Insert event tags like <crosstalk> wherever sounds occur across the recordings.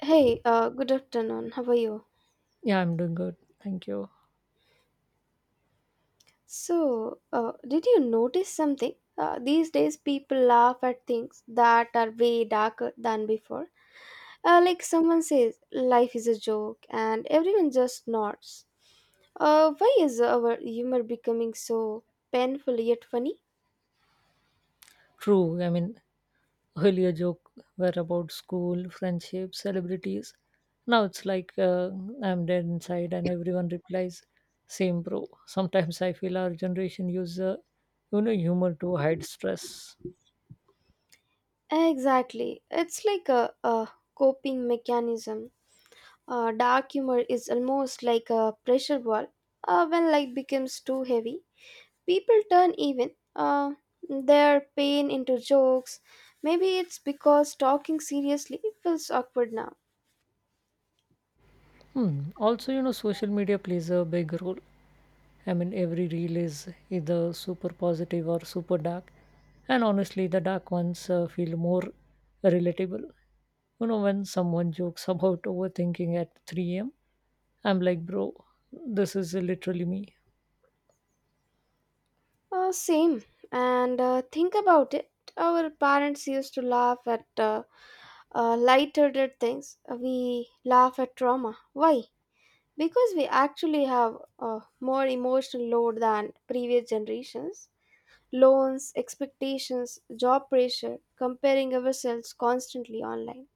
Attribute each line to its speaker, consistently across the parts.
Speaker 1: Hey, good afternoon. How are you?
Speaker 2: Yeah, I'm doing good. Thank you.
Speaker 1: So, did you notice something? These days, people laugh at things that are way darker than before. Like someone says, life is a joke, and everyone just nods. Why is our humor becoming so painful yet funny?
Speaker 2: True. I mean, earlier joke were about school, friendship, celebrities. Now it's like I'm dead inside, and everyone replies, "Same, bro." Sometimes I feel our generation use, humor to hide stress.
Speaker 1: Exactly. It's like a coping mechanism. Dark humor is almost like a pressure ball. When life becomes too heavy, people turn even their pain into jokes. Maybe it's because talking seriously feels awkward now.
Speaker 2: Hmm. Also, social media plays a big role. I mean, every reel is either super positive or super dark, and honestly, the dark ones feel more relatable. When someone jokes about overthinking at 3 a.m., I'm like, bro, this is literally me.
Speaker 1: Same. And think about it. Our parents used to laugh at light-hearted things. We laugh at trauma. Why? Because we actually have a more emotional load than previous generations. Loans, expectations, job pressure, comparing ourselves constantly online.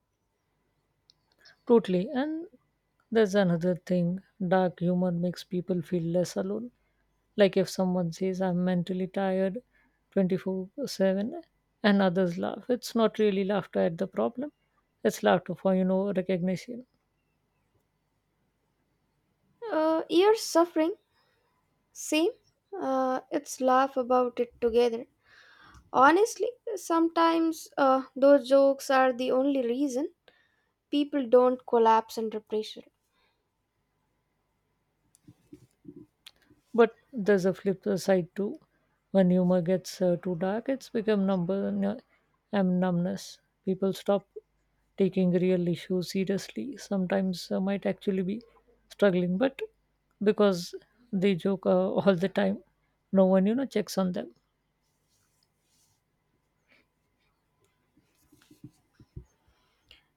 Speaker 2: Totally. And there's another thing dark humor makes people feel less alone. Like if someone says, I'm mentally tired 24/7, and others laugh, it's not really laughter at the problem, it's laughter for, recognition.
Speaker 1: Years suffering. See, it's laugh about it together. Honestly, sometimes those jokes are the only reason people don't collapse under pressure.
Speaker 2: But there's a flip side too. When humor gets too dark, it's become numbness. People stop taking real issues seriously. Sometimes might actually be struggling, but because they joke <laughs> all the time, no one checks on them.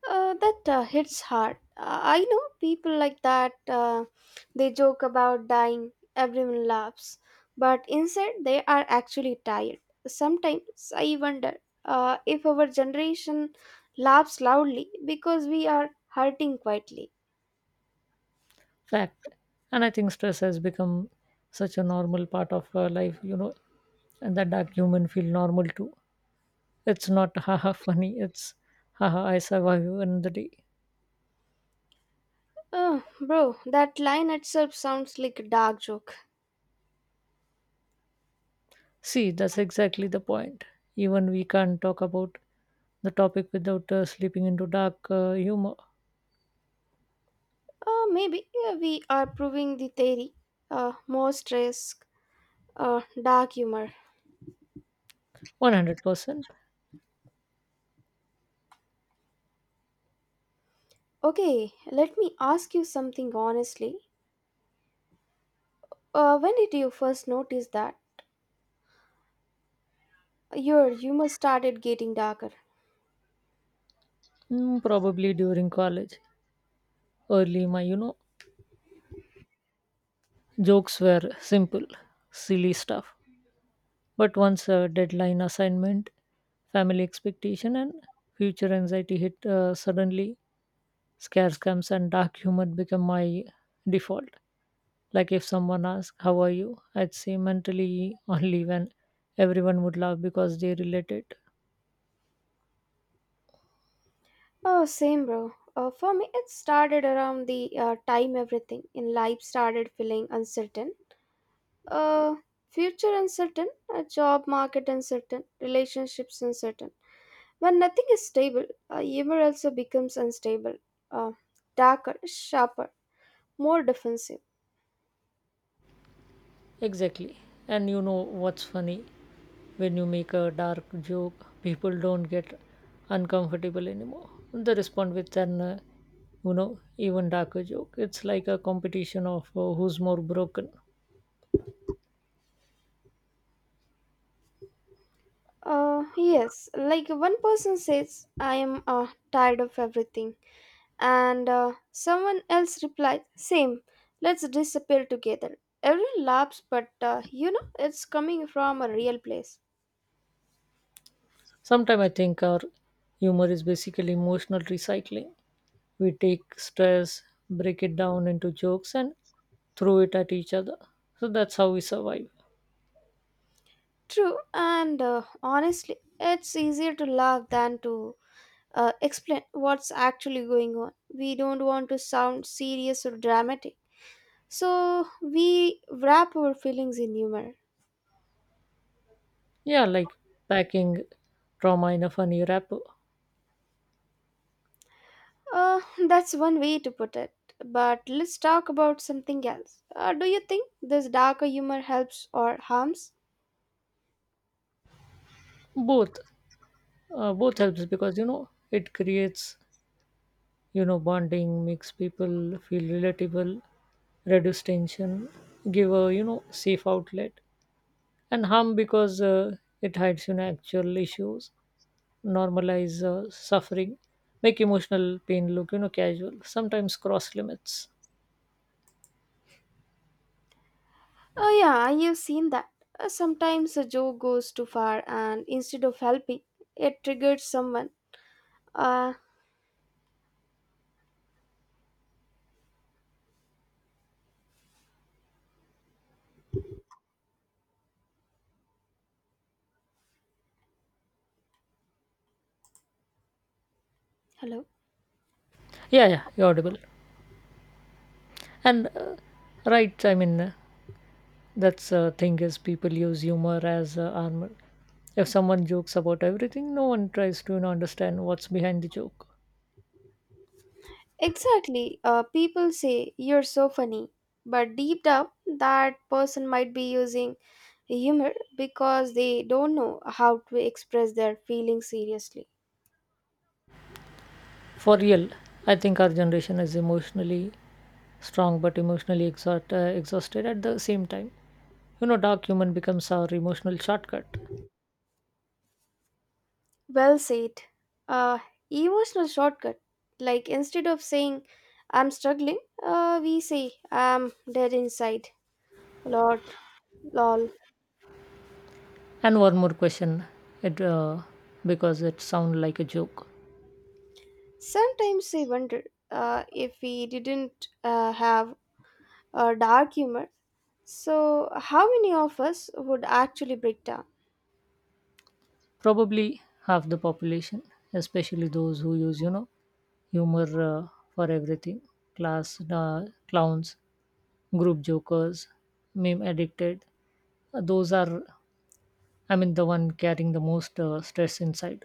Speaker 1: That hits hard. I know people like that. They joke about dying, everyone laughs, but inside they are actually tired. Sometimes I wonder if our generation laughs loudly because we are hurting quietly.
Speaker 2: Fact, and I think stress has become such a normal part of life, and that dark human feel normal too. It's not <laughs> haha funny. It's haha I survive in the day.
Speaker 1: Oh, bro, that line itself sounds like a dark joke.
Speaker 2: See, that's exactly the point. Even we can't talk about the topic without slipping into dark humor.
Speaker 1: Maybe we are proving the theory. Most risk, dark humor.
Speaker 2: 100%.
Speaker 1: Okay, let me ask you something honestly. When did you first notice that your humor started getting darker?
Speaker 2: Probably during college. Early, my, jokes were simple, silly stuff. But once a deadline assignment, family expectation, and future anxiety hit suddenly, scare scams and dark humor became my default. Like if someone asks, How are you? I'd say mentally only when everyone would laugh because they relate it.
Speaker 1: Oh, same, bro. For me, it started around the time everything in life started feeling uncertain. Uh, Future uncertain, job market uncertain, relationships uncertain. When nothing is stable, humor also becomes unstable, uh, darker, sharper, more defensive.
Speaker 2: Exactly. And you know what's funny? When you make a dark joke, people don't get uncomfortable anymore. They respond with even darker joke. It's like a competition of who's more broken.
Speaker 1: Yes, like one person says, I am tired of everything, and someone else replies, same, let's disappear together. Everyone laughs, but it's coming from a real place.
Speaker 2: Sometimes I think our humor is basically emotional recycling. We take stress, break it down into jokes, and throw it at each other. So that's how we survive.
Speaker 1: True, and honestly, it's easier to laugh than to explain what's actually going on. We don't want to sound serious or dramatic. So we wrap our feelings in humor.
Speaker 2: Yeah, like packing trauma in a funny wrapper.
Speaker 1: Uh, <laughs> that's one way to put it. But let's talk about something else. Do you think this darker humor helps or harms?
Speaker 2: Both, both helps because it creates bonding, makes people feel relatable, reduce tension, give a safe outlet, and harm because it hides actual issues, normalize suffering, make emotional pain look casual, sometimes cross limits.
Speaker 1: Oh, yeah, I have seen that. Sometimes a joke goes too far, and instead of helping, it triggers someone. Uh, Hello?
Speaker 2: Yeah, yeah, you're audible. And right, I mean, that's thing is people use humor as armor. If someone jokes about everything, no one tries to understand what's behind the joke.
Speaker 1: Exactly. People say you're so funny, but deep down, that person might be using humor because they don't know how to express their feelings seriously.
Speaker 2: For real, I think our generation is emotionally strong but emotionally exhausted at the same time. Dark humor becomes our emotional shortcut.
Speaker 1: Well said. Uh, Emotional shortcut. Like instead of saying I'm struggling, we say I'm dead inside. Lord, lol.
Speaker 2: And one more question, it because it sounds like a joke.
Speaker 1: Sometimes I wonder if we didn't have dark humor. So, how many of us would actually break down?
Speaker 2: Probably half the population, especially those who use humor for everything class clowns group jokers meme addicted. Those are, I mean, the one carrying the most stress inside.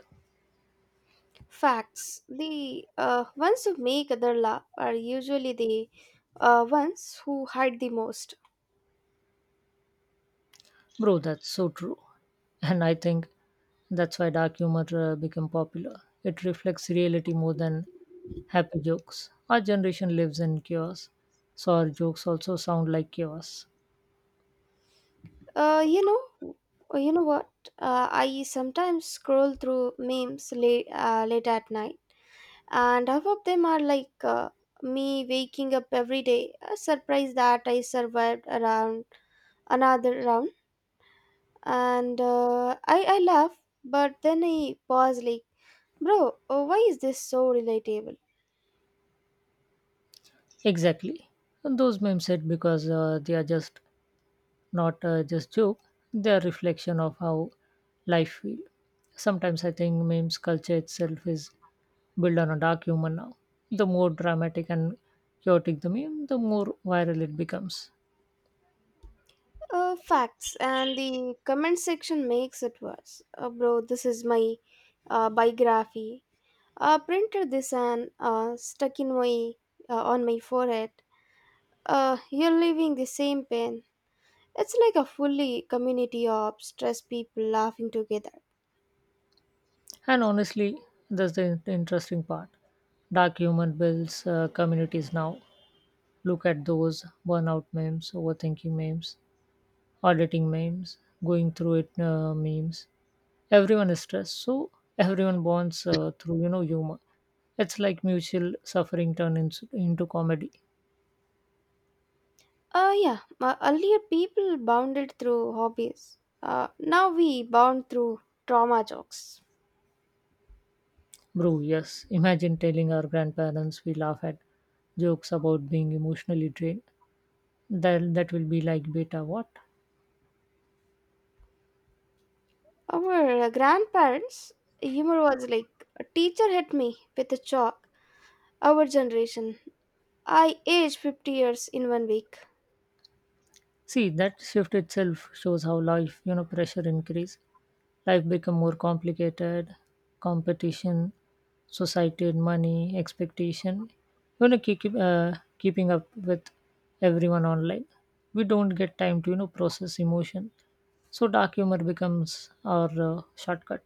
Speaker 1: Facts. The ones who make other laugh are usually the ones who hide the most.
Speaker 2: Bro, that's so true, and I think that's why dark humor became popular. It reflects reality more than happy jokes. Our generation lives in chaos, so our jokes also sound like chaos.
Speaker 1: Uh, you know, you know what? I sometimes scroll through memes late at night, and half of them are like me waking up every day, surprised that I survived around another round, and I laugh, but then I pause like, bro, why is this so relatable?
Speaker 2: Exactly, and those memes hit because they are just not just joke. They're a reflection of how life feel. Sometimes I think memes culture itself is built on a dark humor now. The more dramatic and chaotic the meme, the more viral it becomes.
Speaker 1: Facts, and the comment section makes it worse. Bro, this is my biography. Printed this and stuck in my on my forehead. You're living the same pain. It's like a fully community of stressed people laughing together.
Speaker 2: And honestly, that's the interesting part. Dark humor builds communities now. Look at those burnout memes, overthinking memes, auditing memes, going through it memes. Everyone is stressed, so everyone bonds through humor. It's like mutual suffering turned into comedy.
Speaker 1: Yeah, earlier people bonded through hobbies. Now we bond through trauma jokes.
Speaker 2: Bro, yes. Imagine telling our grandparents we laugh at jokes about being emotionally drained. That will be like beta what?
Speaker 1: Our grandparents' humor was like, a teacher hit me with a chalk. Our generation, I aged 50 years in one week.
Speaker 2: See, that shift itself shows how life, pressure increase. Life become more complicated, competition, society, money, expectation, keeping up with everyone online. We don't get time to, process emotion. So dark humor becomes our shortcut.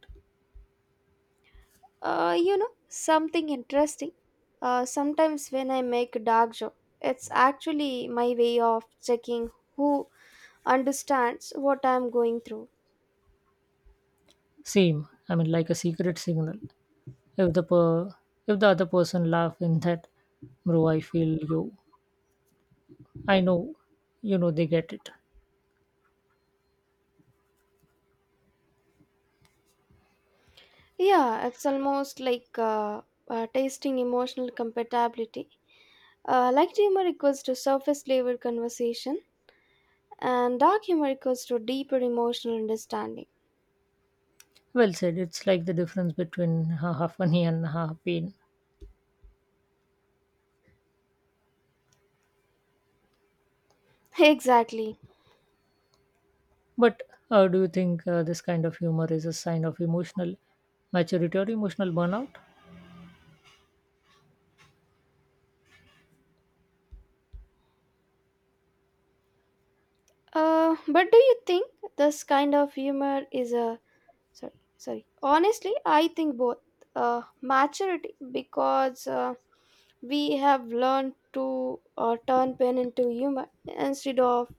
Speaker 1: You know, something interesting. Sometimes when I make a dark joke, it's actually my way of checking who understands what I'm going through.
Speaker 2: Same, I mean, like a secret signal. If the per- if the other person laugh in that, bro, I feel you. I know, they get it.
Speaker 1: Yeah, it's almost like tasting emotional compatibility. Light humor equals to surface level conversation, and dark humor equals to deeper emotional understanding.
Speaker 2: Well said. It's like the difference between <laughs> half funny and half pain.
Speaker 1: <laughs> Exactly.
Speaker 2: But do you think this kind of humor is a sign of emotional maturity or emotional burnout?
Speaker 1: But do you think this kind of humor is a sorry, sorry. Honestly, I think both. Maturity because we have learned to turn pain into humor instead of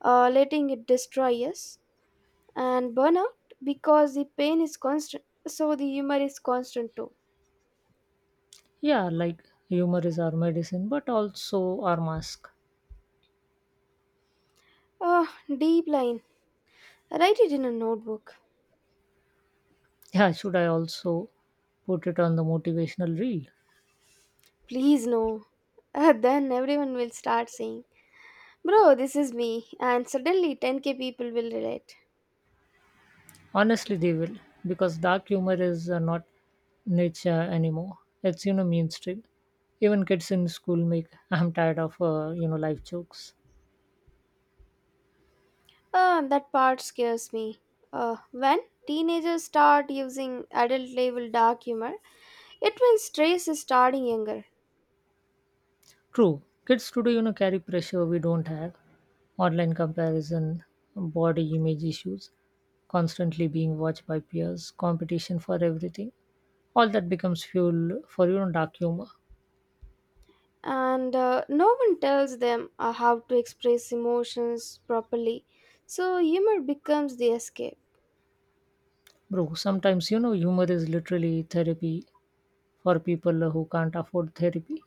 Speaker 1: letting it destroy us. And burnout because the pain is constant, so the humor is constant too.
Speaker 2: Yeah, like humor is our medicine, but also our mask.
Speaker 1: Ah, deep line, write it in a notebook.
Speaker 2: Yeah, should I also put it on the motivational reel?
Speaker 1: Please no. <laughs> Ah, then everyone will start saying bro this is me, and suddenly 10K people will relate.
Speaker 2: Honestly, they will, because dark humor is not nature anymore. It's mainstream. Even kids in school make I'm tired of life jokes.
Speaker 1: Ah, that part scares me when teenagers start using adult level dark humor. It means stress is starting younger.
Speaker 2: True. Kids today, carry pressure we don't have. Online comparison, body image issues, constantly being watched by peers, competition for everything. All that becomes fuel for, dark humor.
Speaker 1: And no one tells them how to express emotions properly. So humor becomes the escape.
Speaker 2: Bro, sometimes, humor is literally therapy for people who can't afford therapy.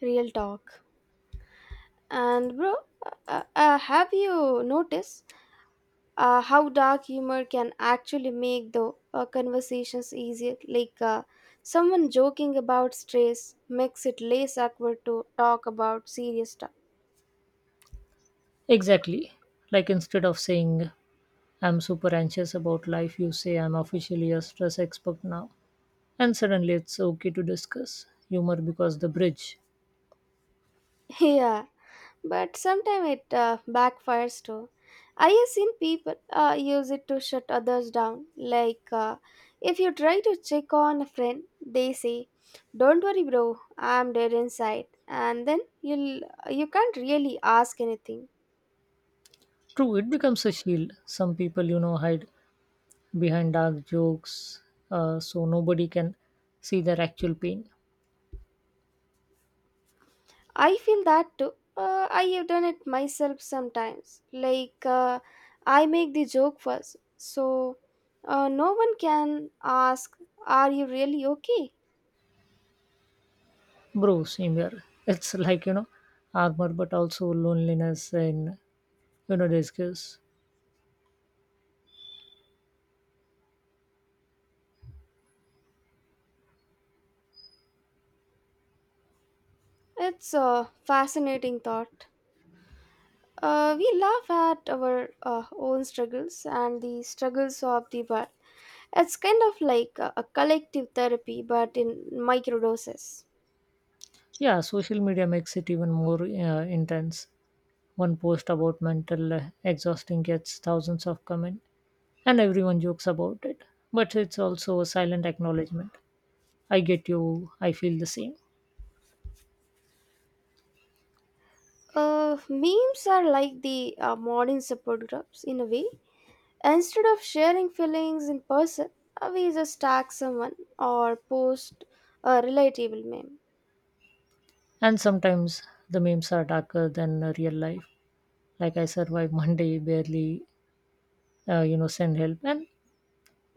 Speaker 1: Real talk. And bro, have you noticed how dark humor can actually make the conversations easier? Like someone joking about stress makes it less awkward to talk about serious stuff.
Speaker 2: Exactly. Like instead of saying, I'm super anxious about life, you say, I'm officially a stress expert now. And suddenly it's okay to discuss humor because the bridge.
Speaker 1: <laughs> Yeah, but sometimes it backfires too. I have seen people use it to shut others down. Like, if you try to check on a friend, they say, "Don't worry, bro, I'm dead inside," and then you can't really ask anything.
Speaker 2: True, it becomes a shield. Some people, hide behind dark jokes so nobody can see their actual pain.
Speaker 1: I feel that too. I have done it myself sometimes. Like, I make the joke first, so no one can ask, "Are you really okay?"
Speaker 2: Bro, same here. <laughs> It's like, armor, but also loneliness and, disguise.
Speaker 1: It's a fascinating thought. We laugh at our own struggles and the struggles of the world. It's kind of like a collective therapy, but in micro doses.
Speaker 2: Yeah, social media makes it even more intense. One post about mental exhausting gets thousands of comments, and everyone jokes about it. But it's also a silent acknowledgement. I get you, I feel the same.
Speaker 1: Memes are like the modern support groups in a way. Instead of sharing feelings in person, we just tag someone or post a relatable meme.
Speaker 2: And sometimes the memes are darker than real life. Like I survived <laughs> Monday, barely, send help. And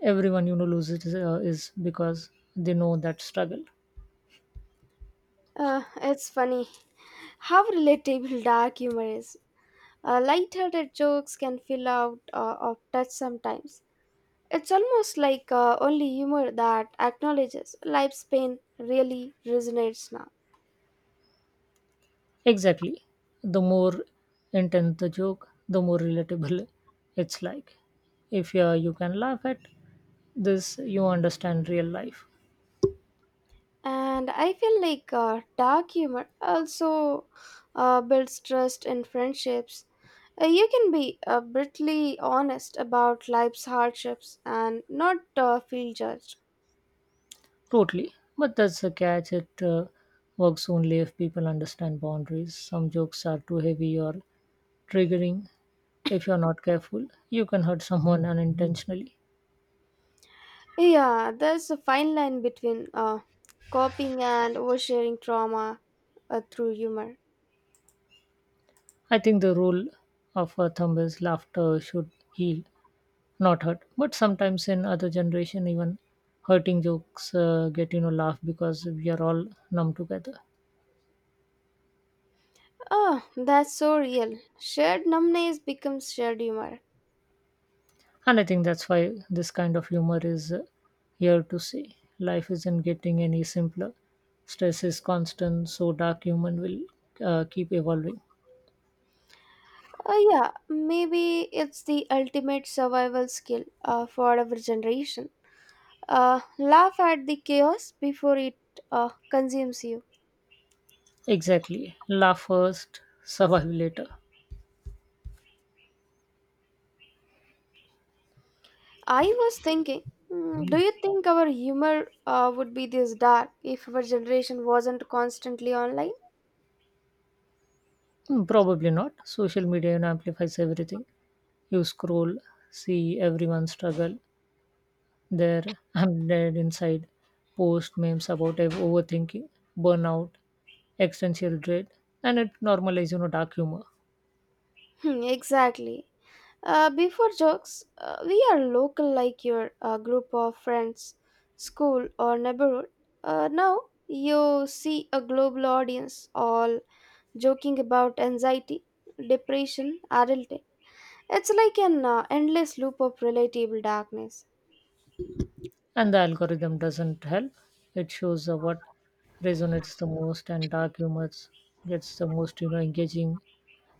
Speaker 2: everyone, loses is because they know that struggle.
Speaker 1: It's funny <laughs> how relatable dark humor is. Light-hearted jokes can feel out of touch sometimes. It's almost like only humor that acknowledges life's pain really resonates now.
Speaker 2: Exactly. The more intense the joke, the more relatable <laughs> it's like. If you can laugh at this, you understand real life.
Speaker 1: And I feel like dark humor also builds trust in friendships. You can be brutally honest about life's hardships and not feel judged.
Speaker 2: Totally. But that's a catch. It works only if people understand boundaries. Some jokes are too heavy or triggering. If you're not careful, you can hurt someone unintentionally.
Speaker 1: Yeah, there's a fine line between copying and oversharing trauma through humor.
Speaker 2: I think the rule of a thumb is laughter should heal, not hurt. But sometimes in other generation, even hurting jokes get laugh because we are all numb together.
Speaker 1: Oh, that's so real. Shared numbness becomes shared humor.
Speaker 2: And I think that's why this kind of humor is here to stay. Life isn't getting any simpler. Stress is constant, so dark humor will keep evolving.
Speaker 1: Yeah, maybe it's the ultimate survival skill for our generation. Laugh at the chaos before it consumes you.
Speaker 2: Exactly. Laugh first, <laughs> survive later.
Speaker 1: I was thinking, mm, do you think our humor would be this dark if our generation wasn't constantly online? <laughs>
Speaker 2: Probably not. Social media amplifies everything. You scroll, see everyone struggle. There, <laughs> I'm dead inside. Post memes about overthinking, burnout, existential dread, and it normalizes dark humor.
Speaker 1: Hmm, exactly. Before jokes, we are local like your group of friends, school, or neighborhood. Now you see a global audience all joking about anxiety, depression, adulting. It's like an endless loop of relatable darkness.
Speaker 2: And the algorithm doesn't help. It shows what resonates the most, and dark humor gets the most, engaging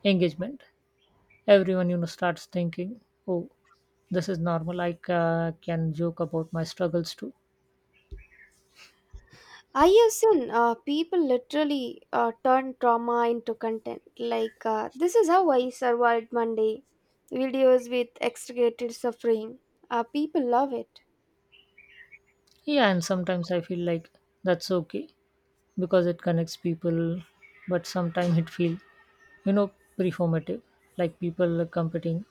Speaker 2: engagement. Everyone, starts thinking, oh, this is normal. I can joke about my struggles too.
Speaker 1: I have seen people literally turn trauma into content. Like, this is how I survived Monday. Videos with extricated suffering. People love it.
Speaker 2: Yeah, and sometimes I feel like that's okay because it connects people, but sometimes it feels, you know, performative, like people competing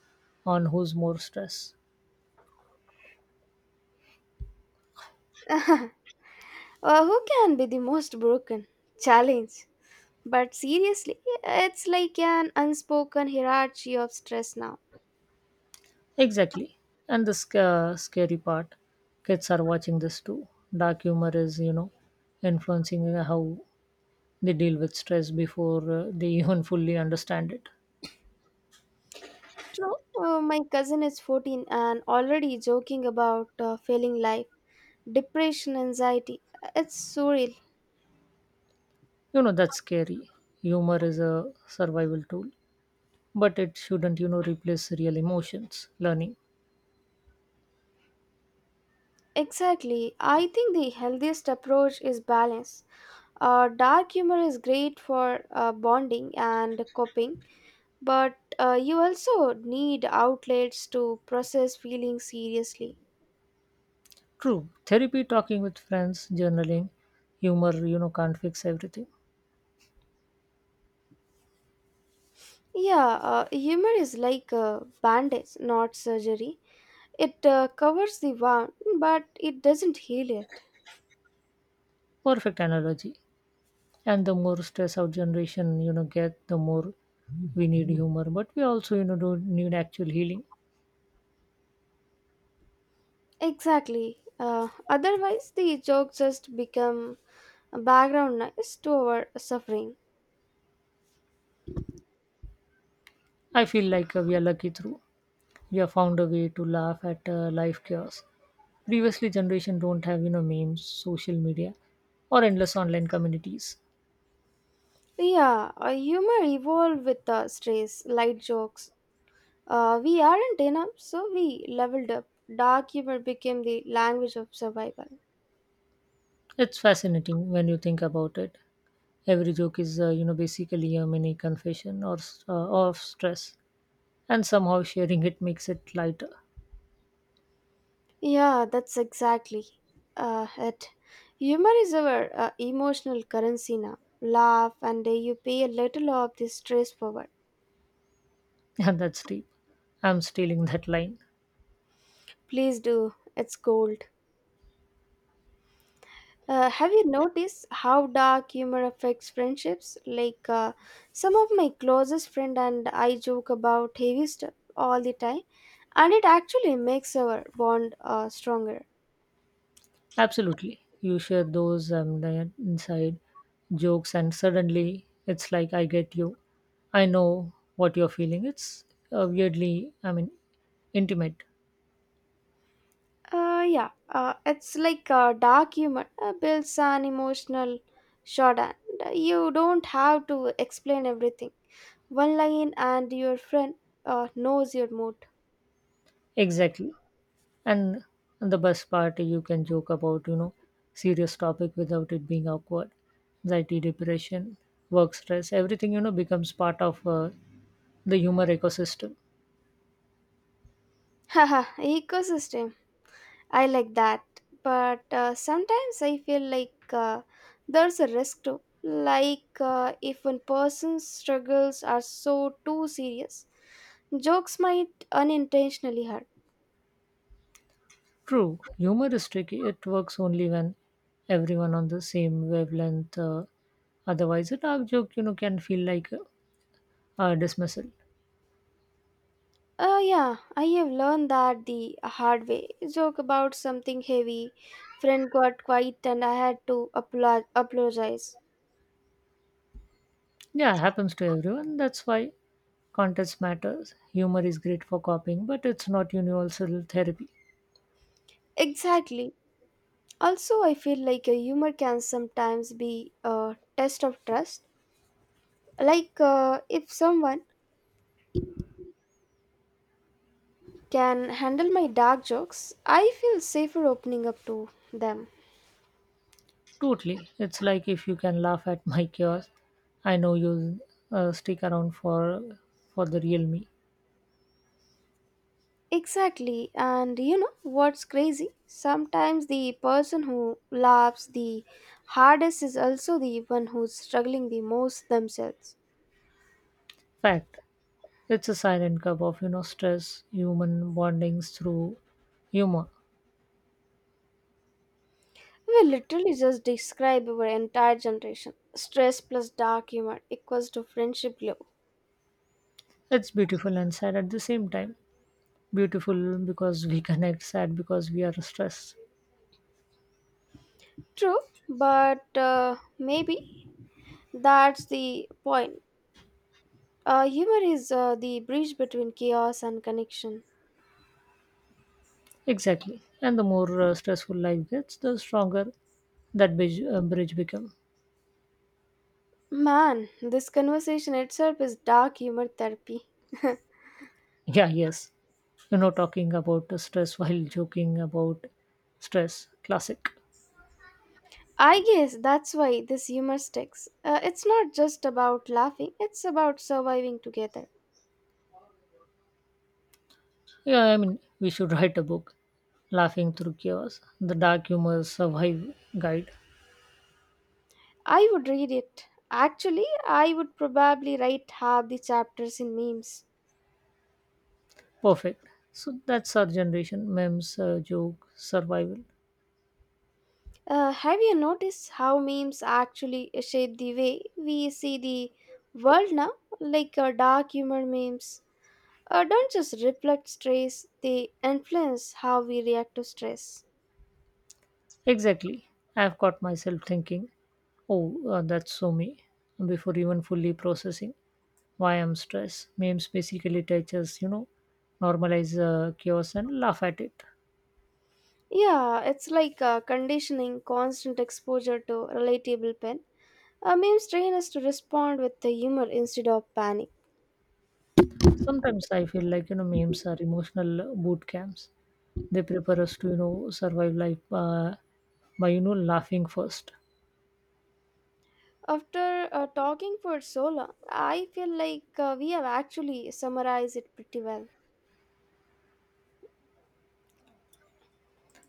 Speaker 2: on who's more stressed.
Speaker 1: <laughs> Who can be the most broken? Challenge. But seriously, it's like an unspoken hierarchy of stress now.
Speaker 2: Exactly. And the scary part, kids are watching this too. Dark humor is, influencing how they deal with stress before they <laughs> even fully understand it.
Speaker 1: True. My cousin is 14 and already joking about failing life, depression, anxiety. It's surreal.
Speaker 2: That's scary. Humor is a survival tool, but it shouldn't, replace real emotions, learning.
Speaker 1: Exactly. I think the healthiest approach is balance. Dark humor is great for bonding and coping, but you also need outlets to process feelings seriously.
Speaker 2: True. Therapy, talking with friends, journaling, humor, can't fix everything.
Speaker 1: Yeah, humor is like a bandage, not surgery. It covers the wound, but it doesn't heal it.
Speaker 2: Perfect analogy. And the more stress our generation get, the more we need humor, but we also do need actual healing.
Speaker 1: Exactly. Otherwise, the joke just become a background noise to our suffering.
Speaker 2: I feel like we are lucky through we have found a way to laugh at life chaos. Previously generation don't have memes, social media, or endless online communities.
Speaker 1: Yeah, humor evolved with stress, light jokes. We aren't enough, so we leveled up. Dark humor became the language of survival.
Speaker 2: It's fascinating when you think about it. Every joke is basically a mini confession or of stress, and somehow sharing it makes it lighter.
Speaker 1: Yeah, that's exactly it. Humor is our emotional currency now. Laugh, and you pay a little of the stress forward.
Speaker 2: <laughs> And that's deep. I'm stealing that line.
Speaker 1: Please do. It's gold. Have you noticed how dark humor affects friendships? Like, some of my closest friend and I joke about heavy stuff all the time, and it actually makes our bond stronger.
Speaker 2: Absolutely. You share those the inside jokes, and suddenly it's like I get you. I know what you're feeling. It's weirdly, I mean, intimate.
Speaker 1: Yeah, it's like dark humor builds an emotional shorthand. You don't have to explain everything. One line, and your friend knows your mood.
Speaker 2: Exactly. And, and the best part, you can joke about, serious topic without it being awkward. Anxiety, depression, work stress, everything, becomes part of the humor ecosystem.
Speaker 1: <laughs> Haha, ecosystem. I like that, but sometimes I feel like there's a risk too. Like if one person's struggles are so too serious, jokes might unintentionally hurt.
Speaker 2: True, humor is tricky. It works only when everyone on the same wavelength. Otherwise, a dark joke, can feel like a dismissal.
Speaker 1: Yeah, I have learned that the hard way. Joke about something heavy, friend got quiet, and I had to apologize.
Speaker 2: Yeah, happens to everyone. That's why context matters. Humor is great for copying, but it's not universal therapy.
Speaker 1: Exactly. Also, I feel like a humor can sometimes be a test of trust. Like if someone can handle my dark jokes, I feel safer opening up to them.
Speaker 2: Totally. It's like if you can laugh at my chaos, I know you'll stick around for the real me.
Speaker 1: Exactly, and you know what's crazy? Sometimes the person who laughs the hardest is also the one who's struggling the most themselves.
Speaker 2: Fact. It's a silent cup of, stress, human bondings through humor.
Speaker 1: We literally just describe our entire generation. Stress plus dark humor equals to friendship glow.
Speaker 2: It's beautiful and sad at the same time. Beautiful because we connect, sad because we are stressed.
Speaker 1: True, but maybe that's the point. Humor is the bridge between chaos and connection.
Speaker 2: Exactly. And the more stressful life gets, the stronger that bridge become. <laughs>
Speaker 1: Man, this conversation itself is dark humor therapy. <laughs>
Speaker 2: Yeah, yes. Talking about the stress while joking about stress. Classic.
Speaker 1: I guess that's why this humor sticks. It's not just about laughing, it's about surviving together.
Speaker 2: Yeah, I mean, we should write a book. Laughing through chaos. The dark humor survive guide.
Speaker 1: I would read it. Actually, I would probably write half the chapters in memes.
Speaker 2: Perfect. So that's our generation. Memes, joke, survival.
Speaker 1: Have you noticed how memes actually shape the way we see the world now? Like dark humor memes don't just reflect stress, they influence how we react to stress.
Speaker 2: Exactly. I've caught myself thinking, oh, that's so me, before even fully processing why I'm stressed. Memes basically teaches, normalize chaos and laugh at it.
Speaker 1: Yeah, it's like conditioning, constant exposure to relatable pen. A meme's train is to respond with the humor instead of panic.
Speaker 2: Sometimes I feel like, memes are emotional boot camps. They prepare us to, survive life by, laughing first.
Speaker 1: After talking for so long, I feel like we have actually summarized it pretty well.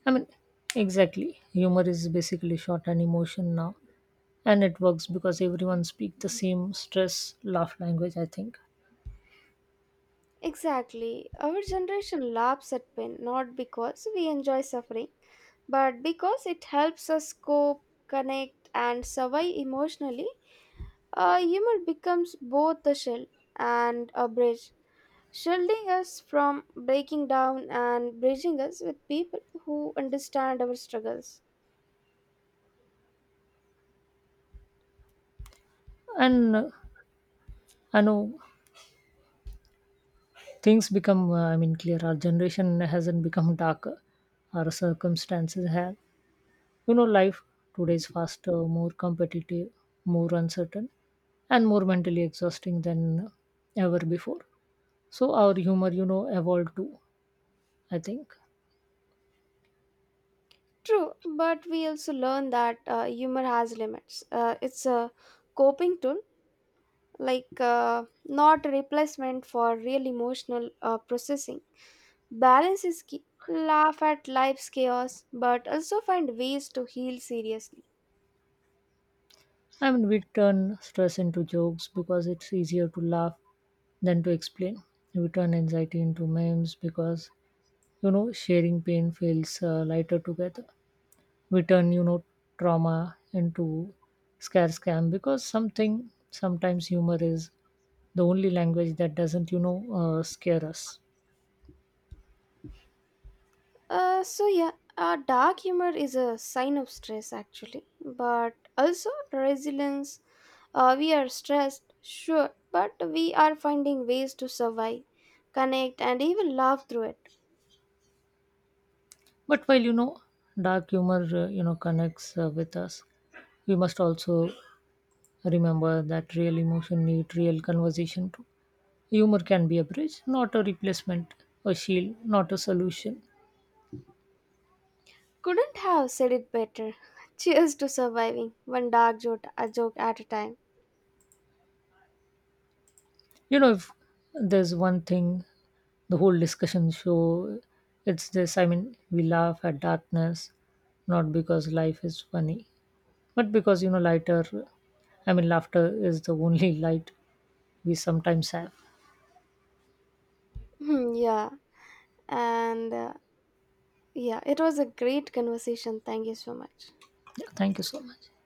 Speaker 2: I mean, exactly. Humor is basically short and emotion now. And it works because everyone speaks the same stress laugh language, I think.
Speaker 1: Exactly. Our generation laughs at pain not because we enjoy suffering, but because it helps us cope, connect, and survive emotionally. Humor becomes both a shield and a bridge shielding us from breaking down and bridging us with people who understand our struggles.
Speaker 2: And I know things become I mean clear our generation hasn't become darker. Our circumstances have. Life today is faster, more competitive, more uncertain, and more mentally exhausting than ever before, so our humor evolved too, I think.
Speaker 1: True, but we also learn that humor has limits. It's a coping tool, like not a replacement for real emotional processing. Balance is key. Laugh at life's chaos, but also find ways to heal seriously.
Speaker 2: I mean, we turn stress into jokes because it's easier to laugh than to explain. We turn anxiety into memes because, sharing pain feels lighter together. We turn trauma into scare scam because something sometimes humor is the only language that doesn't scare us.
Speaker 1: So yeah, dark humor is a sign of stress actually, but also resilience. We are stressed, sure, but we are finding ways to survive, connect, and even laugh through it.
Speaker 2: But while dark humor connects with us, we must also remember that real emotion need real conversation too. Humor can be a bridge, not a replacement, a shield, not a solution.
Speaker 1: Couldn't have said it better. <laughs> Cheers to surviving one dark joke, a joke at a time.
Speaker 2: If there's one thing the whole discussion show, it's this. I mean, we laugh at darkness, not because life is funny, but because, lighter, I mean, laughter is the only <laughs> light we sometimes have.
Speaker 1: Hmm, yeah, and yeah, it was a great conversation. Thank you so much.
Speaker 2: Yeah, thank you so much.